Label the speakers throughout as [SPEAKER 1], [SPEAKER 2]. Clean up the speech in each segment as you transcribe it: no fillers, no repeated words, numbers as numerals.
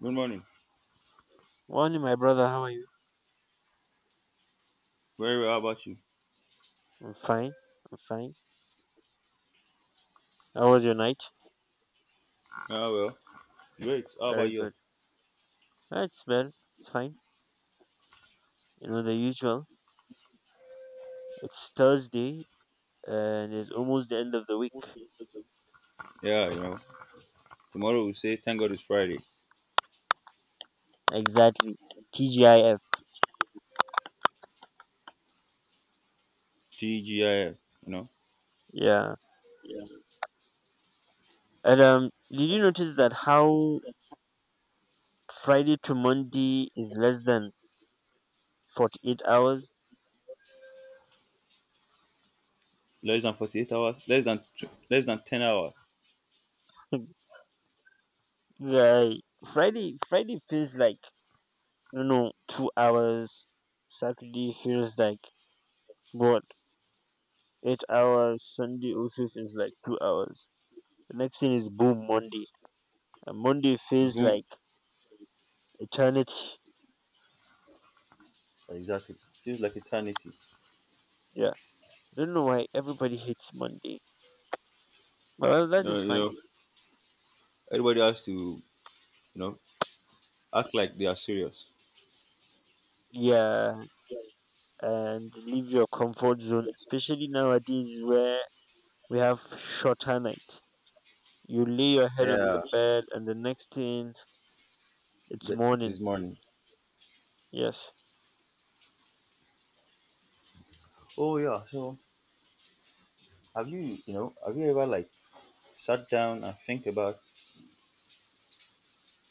[SPEAKER 1] Good morning.
[SPEAKER 2] Morning, my brother. How are you?
[SPEAKER 1] Very well. How about you?
[SPEAKER 2] I'm fine. I'm fine. How was your night?
[SPEAKER 1] Ah, well. Great. How about
[SPEAKER 2] Very
[SPEAKER 1] you?
[SPEAKER 2] good. It's well. It's fine. You know the usual. It's Thursday and it's almost the end of the week.
[SPEAKER 1] Yeah, Tomorrow we say thank God it's Friday.
[SPEAKER 2] Exactly. TGIF.
[SPEAKER 1] TGIF. You know,
[SPEAKER 2] Yeah. And Did you notice that how Friday to Monday is less than 48 hours?
[SPEAKER 1] less than 48 hours, less than 10 hours.
[SPEAKER 2] Yeah. Friday. Friday feels like 2 hours. Saturday feels like what, 8 hours. Sunday also feels like 2 hours. The next thing is boom, Monday, and Monday feels
[SPEAKER 1] Boom.
[SPEAKER 2] like eternity.
[SPEAKER 1] Exactly. Feels like eternity.
[SPEAKER 2] Yeah, I don't know why everybody hates Monday. Well, that
[SPEAKER 1] Uh,
[SPEAKER 2] is
[SPEAKER 1] you
[SPEAKER 2] fine.
[SPEAKER 1] know, everybody has to, you know, act like they are serious.
[SPEAKER 2] Yeah, and leave your comfort zone, especially nowadays where we have shorter nights. You lay your head on the
[SPEAKER 1] Yeah,
[SPEAKER 2] bed, and the next thing it's
[SPEAKER 1] it
[SPEAKER 2] morning.
[SPEAKER 1] is morning.
[SPEAKER 2] Yes,
[SPEAKER 1] Oh yeah. So have you, have you ever like sat down and think about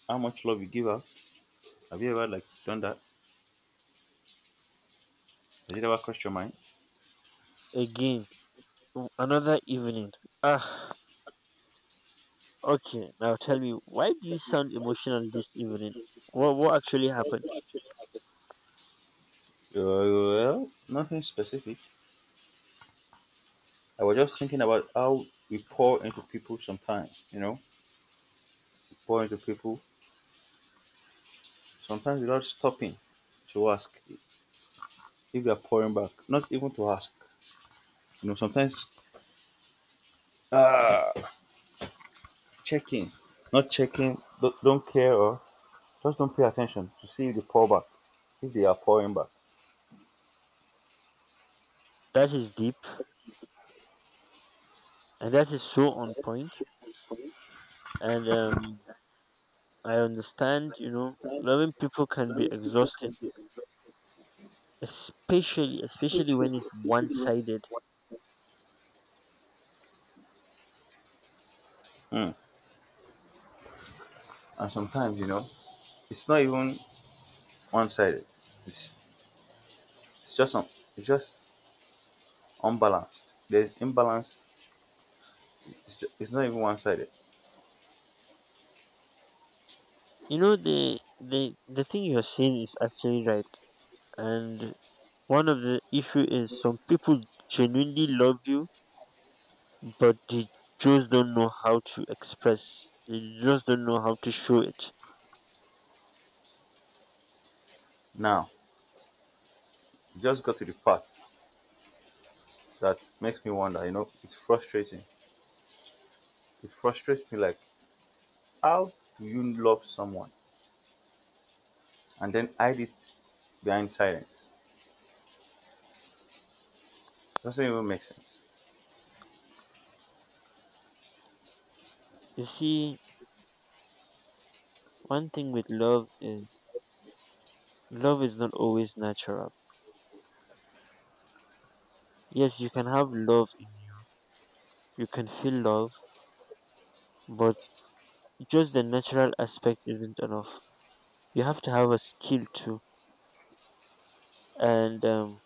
[SPEAKER 1] how much love you give out? Have you ever like done that? Has it ever crossed your mind?
[SPEAKER 2] again, another evening. Ah. Okay, now tell me, why do you sound emotional this evening? What actually happened?
[SPEAKER 1] Well, nothing specific. I was just thinking about how we pour into people sometimes, we pour into people sometimes without stopping to ask if they are pouring back, not even to ask, sometimes ah, checking, not checking, don't care or just don't pay attention to see if they pour back, if they are pouring back.
[SPEAKER 2] That is deep, and that is so on point. And I understand, you know, loving people can be exhausting, especially when it's one sided.
[SPEAKER 1] Hmm. And sometimes, it's not even one sided, it's, it's just, it's just unbalanced. There's imbalance, it's not even one sided.
[SPEAKER 2] You know, the thing you're saying is actually right, and one of the issue is some people genuinely love you, but they just don't know how to express. They just don't know how to show it.
[SPEAKER 1] Now, you just got to the part that makes me wonder, it's frustrating. It frustrates me like, how do you love someone and then hide it behind silence? Doesn't even make sense.
[SPEAKER 2] You see, one thing with love is not always natural. Yes, you can have love in you. You can feel love, but just the natural aspect isn't enough. You have to have a skill too, and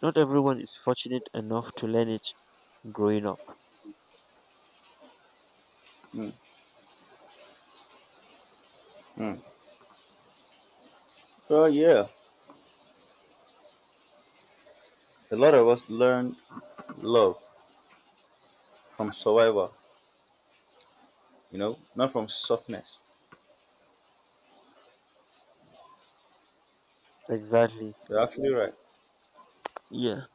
[SPEAKER 2] not everyone is fortunate enough to learn it growing up.
[SPEAKER 1] Mm, mm. Well, yeah, a lot of us learn love from survival, not from softness.
[SPEAKER 2] Exactly.
[SPEAKER 1] You're actually right.
[SPEAKER 2] Yeah,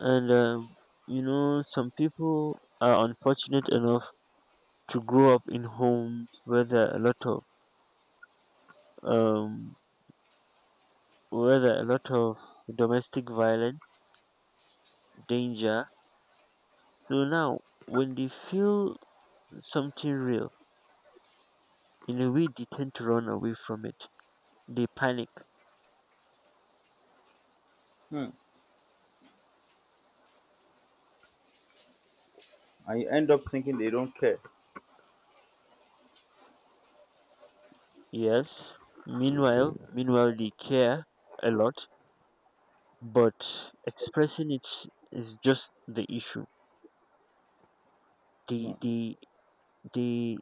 [SPEAKER 2] and you know, some people are unfortunate enough to grow up in homes where there are a lot of um, where there are a lot of domestic violence, danger. So now, when they feel something real, in a way they tend to run away from it. They panic.
[SPEAKER 1] Hmm. And you end up thinking they don't care.
[SPEAKER 2] Yes. Meanwhile, they care a lot, but expressing it is just the issue.
[SPEAKER 1] Hmm.
[SPEAKER 2] They, they, they,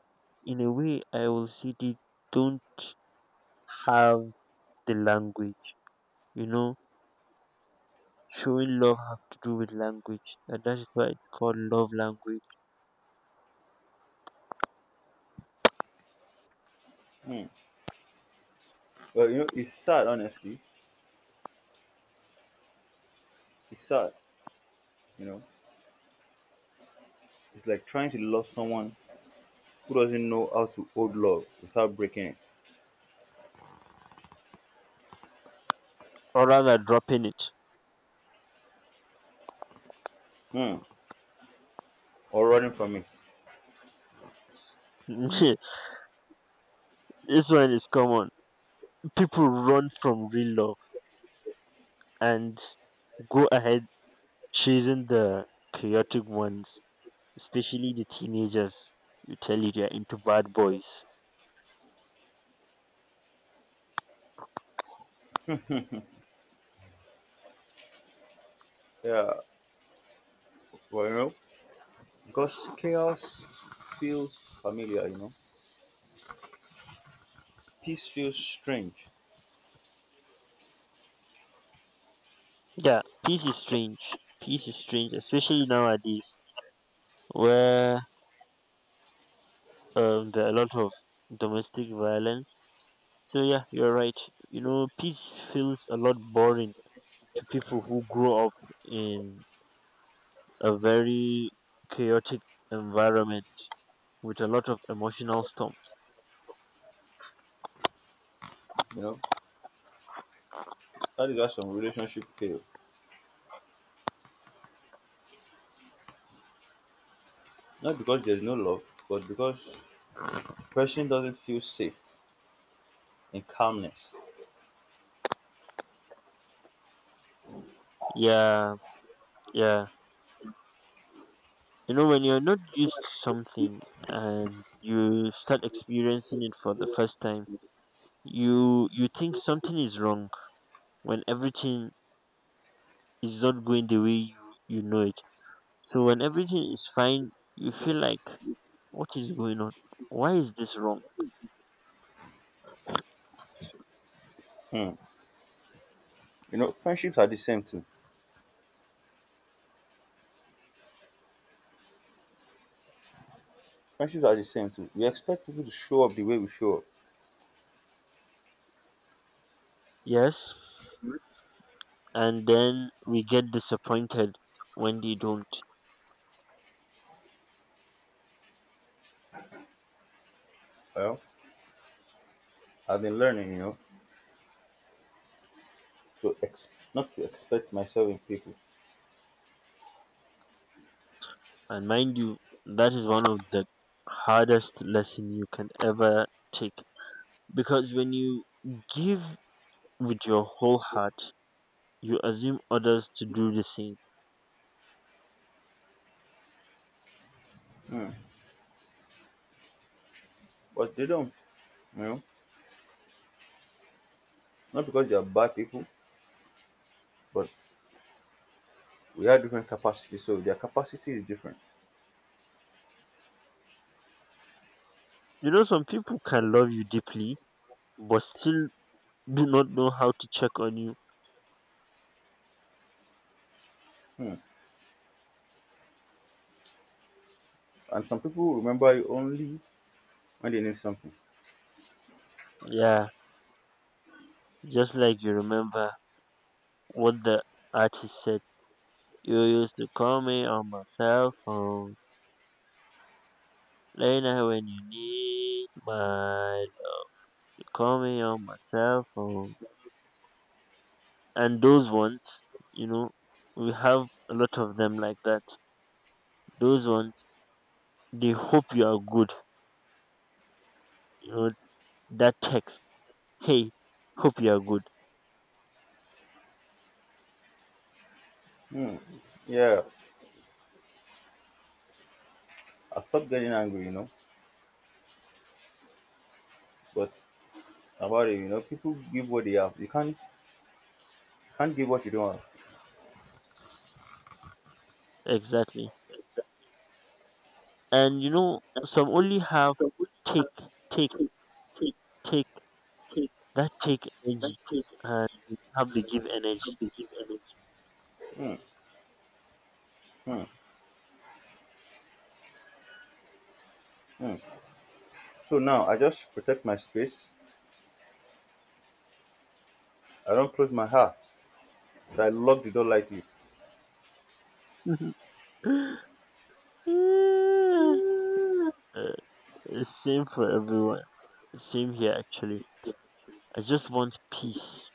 [SPEAKER 2] in a way, I will say they don't have the language. You know, showing love have to do with language, and that is why it's called love language,
[SPEAKER 1] Hmm. Well, it's sad, honestly. It's sad, you know. It's like trying to love someone who doesn't know how to hold love without breaking it.
[SPEAKER 2] or rather, dropping it.
[SPEAKER 1] Hmm. Or running from it.
[SPEAKER 2] This one is common. People run from real love and go ahead chasing the chaotic ones, especially the teenagers. You tell you they're into bad boys.
[SPEAKER 1] Yeah. Well, because chaos feels familiar. Peace feels strange,
[SPEAKER 2] Yeah, peace is strange. Peace is strange, especially nowadays where there are a lot of domestic violence. So yeah, you're right. You know, peace feels a lot boring to people who grow up in a very chaotic environment with a lot of emotional storms.
[SPEAKER 1] you know. That is why some relationship fail. Not because there's no love, but because person doesn't feel safe in calmness.
[SPEAKER 2] Yeah, yeah. You know, when you're not used to something and you start experiencing it for the first time, you think something is wrong when everything is not going the way you, you know it. So when everything is fine, you feel like, what is going on? Why is this wrong?
[SPEAKER 1] Hmm. You know, friendships are the same too. Friendships are the same too. We expect people to show up the way we show up.
[SPEAKER 2] Yes. And then we get disappointed when they don't.
[SPEAKER 1] Well, I've been learning, to not to expect myself in people.
[SPEAKER 2] And mind you, that is one of the hardest lesson you can ever take because when you give with your whole heart, you assume others to do the same.
[SPEAKER 1] Hmm. But they don't, you know, not because they are bad people, but we have different capacities, so their capacity is different.
[SPEAKER 2] You know, some people can love you deeply, but still do not know how to check on you.
[SPEAKER 1] Hmm. And some people remember you only when they need something.
[SPEAKER 2] Yeah, just like you remember what the artist said. You used to call me on my cell phone. Late night when you need my, you call me on my cell phone. And those ones, you know, we have a lot of them like that. Those ones, they hope you are good. You know, that text, hey, hope you are good.
[SPEAKER 1] Hmm. Yeah, I stopped getting angry. But about it, people give what they have. You Can't give what you don't have.
[SPEAKER 2] Exactly. And you know, some only have take, take, take, that take energy. And you don't have the give energy.
[SPEAKER 1] Hmm. Hmm. Hmm. So now I just protect my space. I don't close my heart. But I lock the door lightly.
[SPEAKER 2] Yeah. Uh, Same for everyone. Same here, actually. I just want peace.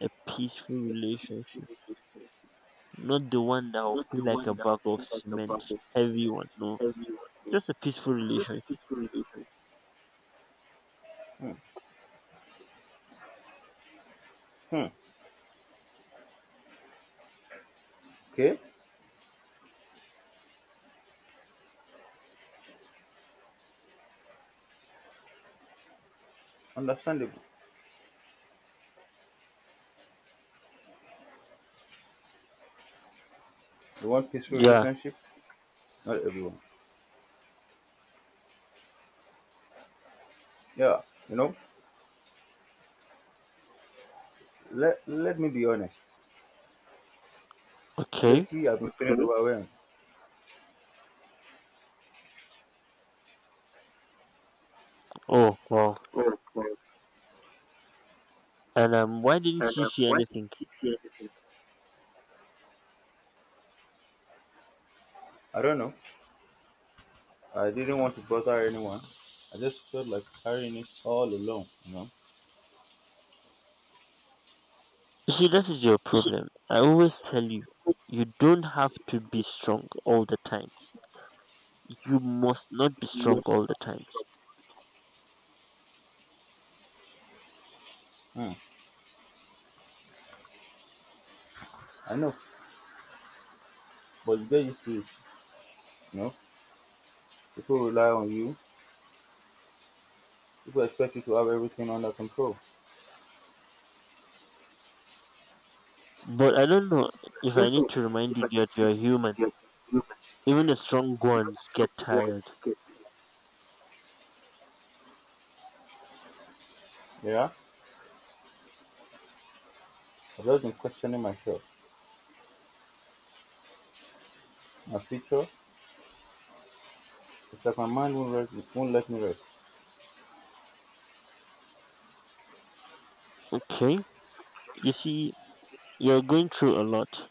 [SPEAKER 2] A peaceful relationship. Not the one that will feel like a bag of cement. Heavy one, no. Just a peaceful relationship.
[SPEAKER 1] Hmm. Hmm. Okay, understandable. You want peaceful
[SPEAKER 2] Yeah.
[SPEAKER 1] relationship? Not everyone. Yeah, you know. Let me be honest.
[SPEAKER 2] Okay.
[SPEAKER 1] Lately, I've been feeling overwhelmed.
[SPEAKER 2] Oh, wow. And Why didn't she say anything?
[SPEAKER 1] I don't know. I didn't want to bother anyone. I just felt like carrying it all alone.
[SPEAKER 2] You see, that is your problem. I always tell you, you don't have to be strong all the times. You must not be strong all the times.
[SPEAKER 1] Hmm. I know, but you get used to it, you know. People rely on you. People expect you to have everything under control.
[SPEAKER 2] But I don't know if I need to remind you that you're human. Even the strong ones get tired.
[SPEAKER 1] Yeah, I've just been questioning myself, my future. It's like my mind won't, rest, won't let me rest.
[SPEAKER 2] Okay? You see, you're going through a lot,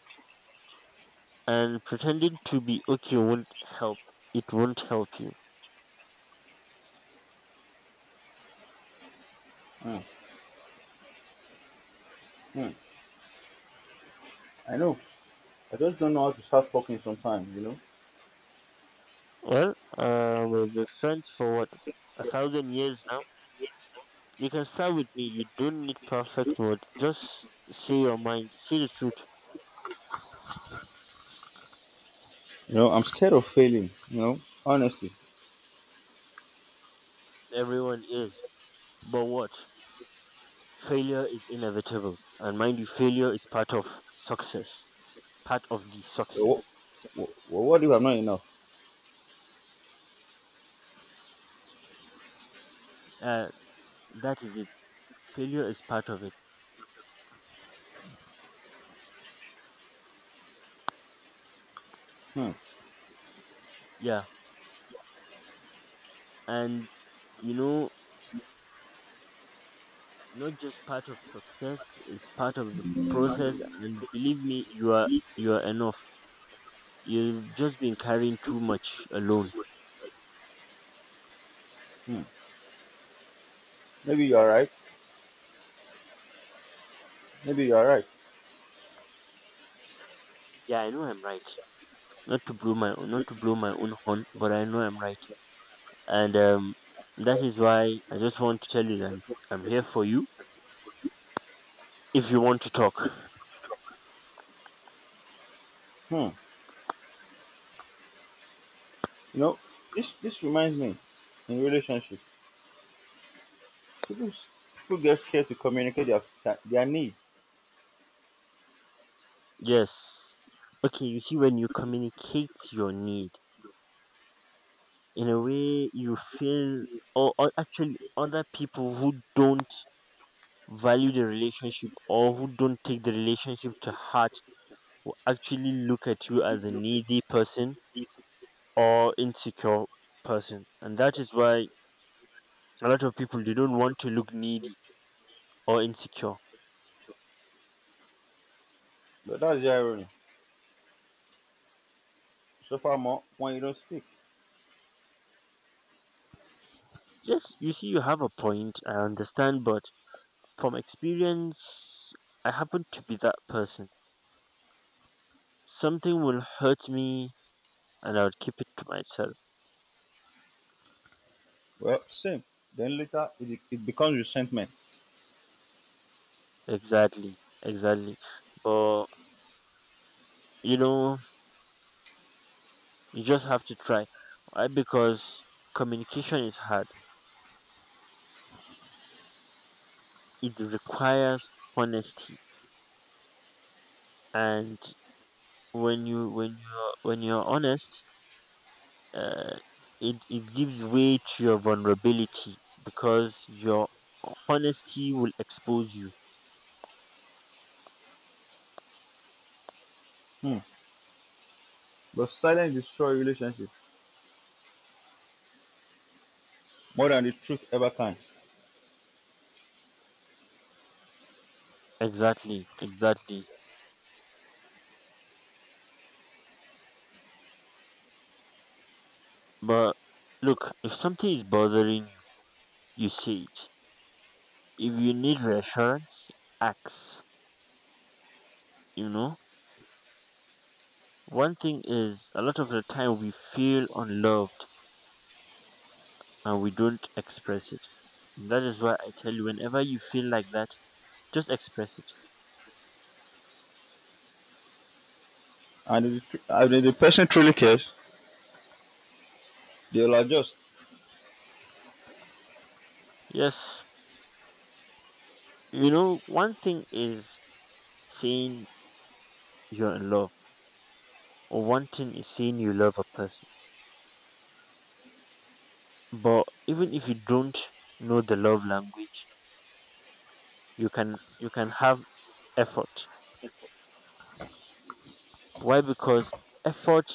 [SPEAKER 2] and pretending to be okay won't help. It won't help you.
[SPEAKER 1] Hmm. Hmm. I know. I just don't know how to start talking sometimes.
[SPEAKER 2] Well, we've been friends for what? A thousand years now? You can start with me. You don't need perfect words. Just say your mind. See the truth.
[SPEAKER 1] You know, I'm scared of failing, honestly.
[SPEAKER 2] Everyone is. But what? Failure is inevitable. And mind you, failure is part of success. Part of the
[SPEAKER 1] What,
[SPEAKER 2] success.
[SPEAKER 1] what if I'm not enough?
[SPEAKER 2] Uh, that is it. Failure is part of it.
[SPEAKER 1] Hmm.
[SPEAKER 2] Yeah. And, you know, not just part of success, is part of the process. And believe me, you are enough. You've just been carrying too much alone.
[SPEAKER 1] Hmm. Maybe you are right. Maybe you are right.
[SPEAKER 2] Yeah, I know I'm right. not to blow my not to blow my own horn, but I know I'm right, and that is why I just want to tell you that I'm here for you if you want to talk.
[SPEAKER 1] Hmm. You know, this reminds me in relationships, people s- people get scared to communicate their needs,
[SPEAKER 2] Yes. Okay, you see, when you communicate your need in a way, you feel, or actually, other people who don't value the relationship or who don't take the relationship to heart will actually look at you as a needy person or insecure person, and that is why a lot of people they don't want to look needy or insecure.
[SPEAKER 1] but that's the irony. So far more when you don't speak,
[SPEAKER 2] Yes, you see, you have a point, I understand, but from experience, I happen to be that person. Something will hurt me and I would keep it to myself.
[SPEAKER 1] well, same. Then later it becomes resentment.
[SPEAKER 2] Exactly, exactly. But you know, you just have to try. Why? Because communication is hard. It requires honesty. And when you're honest, uh, it gives way to your vulnerability because your honesty will expose you.
[SPEAKER 1] Hmm. But silence destroys relationships more than the truth ever can.
[SPEAKER 2] Exactly, exactly. But look, if something is bothering you, you say it. If you need reassurance, ask. You know, one thing is a lot of the time we feel unloved and we don't express it. That is why I tell you, whenever you feel like that, just express it.
[SPEAKER 1] And if and if the person truly cares, they'll adjust.
[SPEAKER 2] Yes, you know, one thing is saying you're in love, or one thing is saying you love a person. But even if you don't know the love language, you can have effort. Why? Because effort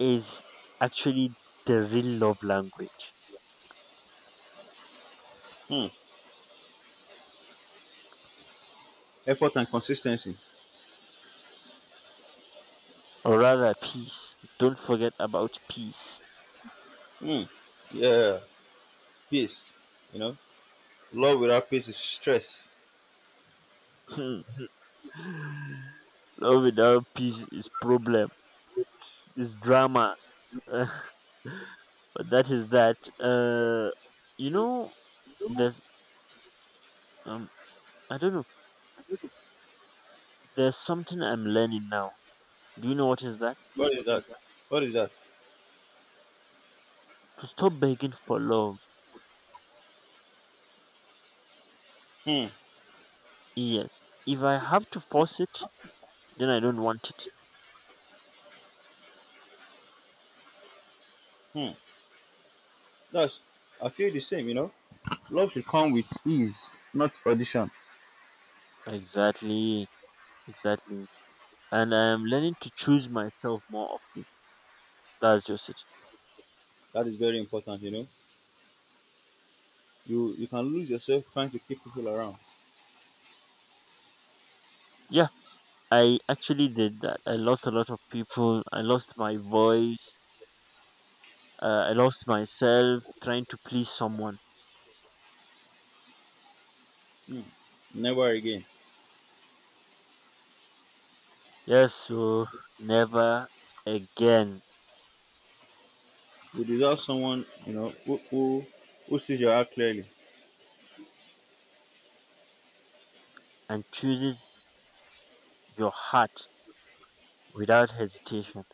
[SPEAKER 2] is actually the real love language,
[SPEAKER 1] Hmm. Effort and consistency.
[SPEAKER 2] or rather, peace. Don't forget about peace.
[SPEAKER 1] Hmm. Yeah, peace. You know, love without peace is stress.
[SPEAKER 2] Love without peace is problem. It's drama. Uh, but that is that. You know, there's um, I don't know. There's something I'm learning now. Do you know what is that?
[SPEAKER 1] What is that? What is that?
[SPEAKER 2] To stop begging for love.
[SPEAKER 1] Hmm.
[SPEAKER 2] Yes. If I have to force it, then I don't want it.
[SPEAKER 1] Hmm. That's I feel the same, you know. Love should come with ease, not audition.
[SPEAKER 2] Exactly. Exactly. And I'm learning to choose myself more often. That's just it.
[SPEAKER 1] That is very important, you know. You can lose yourself trying to keep people around.
[SPEAKER 2] Yeah, I actually did that. I lost a lot of people. I lost my voice. I lost myself trying to please someone.
[SPEAKER 1] Mm, never again.
[SPEAKER 2] Yes, so never again,
[SPEAKER 1] You deserve someone, who sees your heart clearly.
[SPEAKER 2] and chooses your heart without hesitation.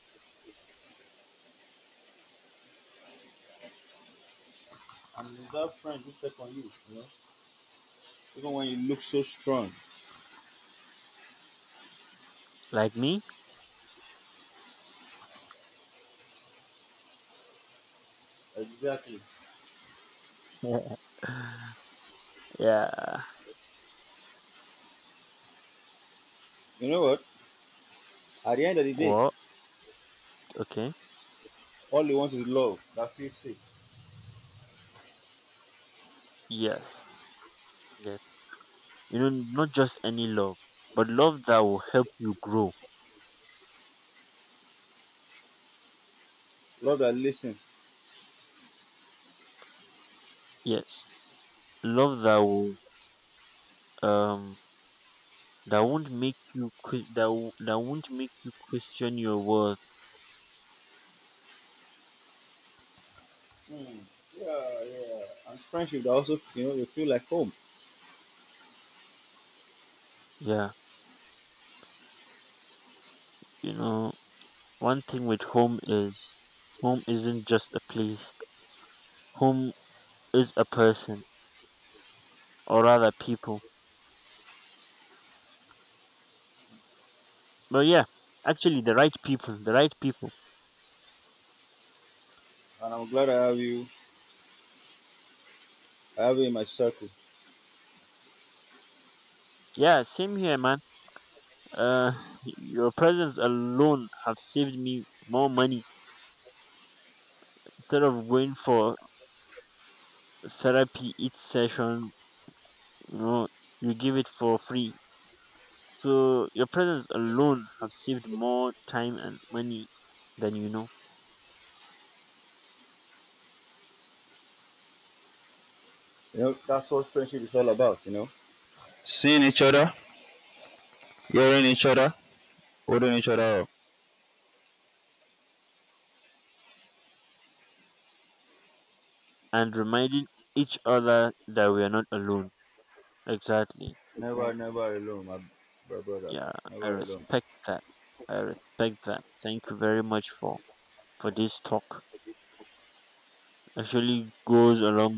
[SPEAKER 1] And you deserve friends who check on you, you know. Even when you look so strong.
[SPEAKER 2] Like me?
[SPEAKER 1] Exactly.
[SPEAKER 2] Yeah.
[SPEAKER 1] You know what? At the end of the day,
[SPEAKER 2] Well, okay.
[SPEAKER 1] all you want is love that feels safe.
[SPEAKER 2] Yes. Yes. You know, not just any love, but love that will help you grow.
[SPEAKER 1] Love that listens.
[SPEAKER 2] Yes. Love that will um that won't make you question your worth.
[SPEAKER 1] Hmm. Yeah, yeah. And friendship that also you know you feel like home.
[SPEAKER 2] Yeah. You know, one thing with home is home isn't just a place. Home is a person, or rather people, but yeah, actually the right people, the right people.
[SPEAKER 1] And I'm glad I have you I have it in my circle.
[SPEAKER 2] Yeah, same here, man. uh your presence alone have saved me more money. Instead of going for therapy each session, you know, you give it for free. So your presence alone have saved more time and money than you know.
[SPEAKER 1] You know, that's what friendship is all about, you know. Seeing each other, hearing each other, holding each other up.
[SPEAKER 2] And reminding each other that we are not alone. Exactly.
[SPEAKER 1] Never, never alone, my brother.
[SPEAKER 2] Yeah, I
[SPEAKER 1] Never alone.
[SPEAKER 2] respect that. I respect that. Thank you very much for this talk. Actually goes a long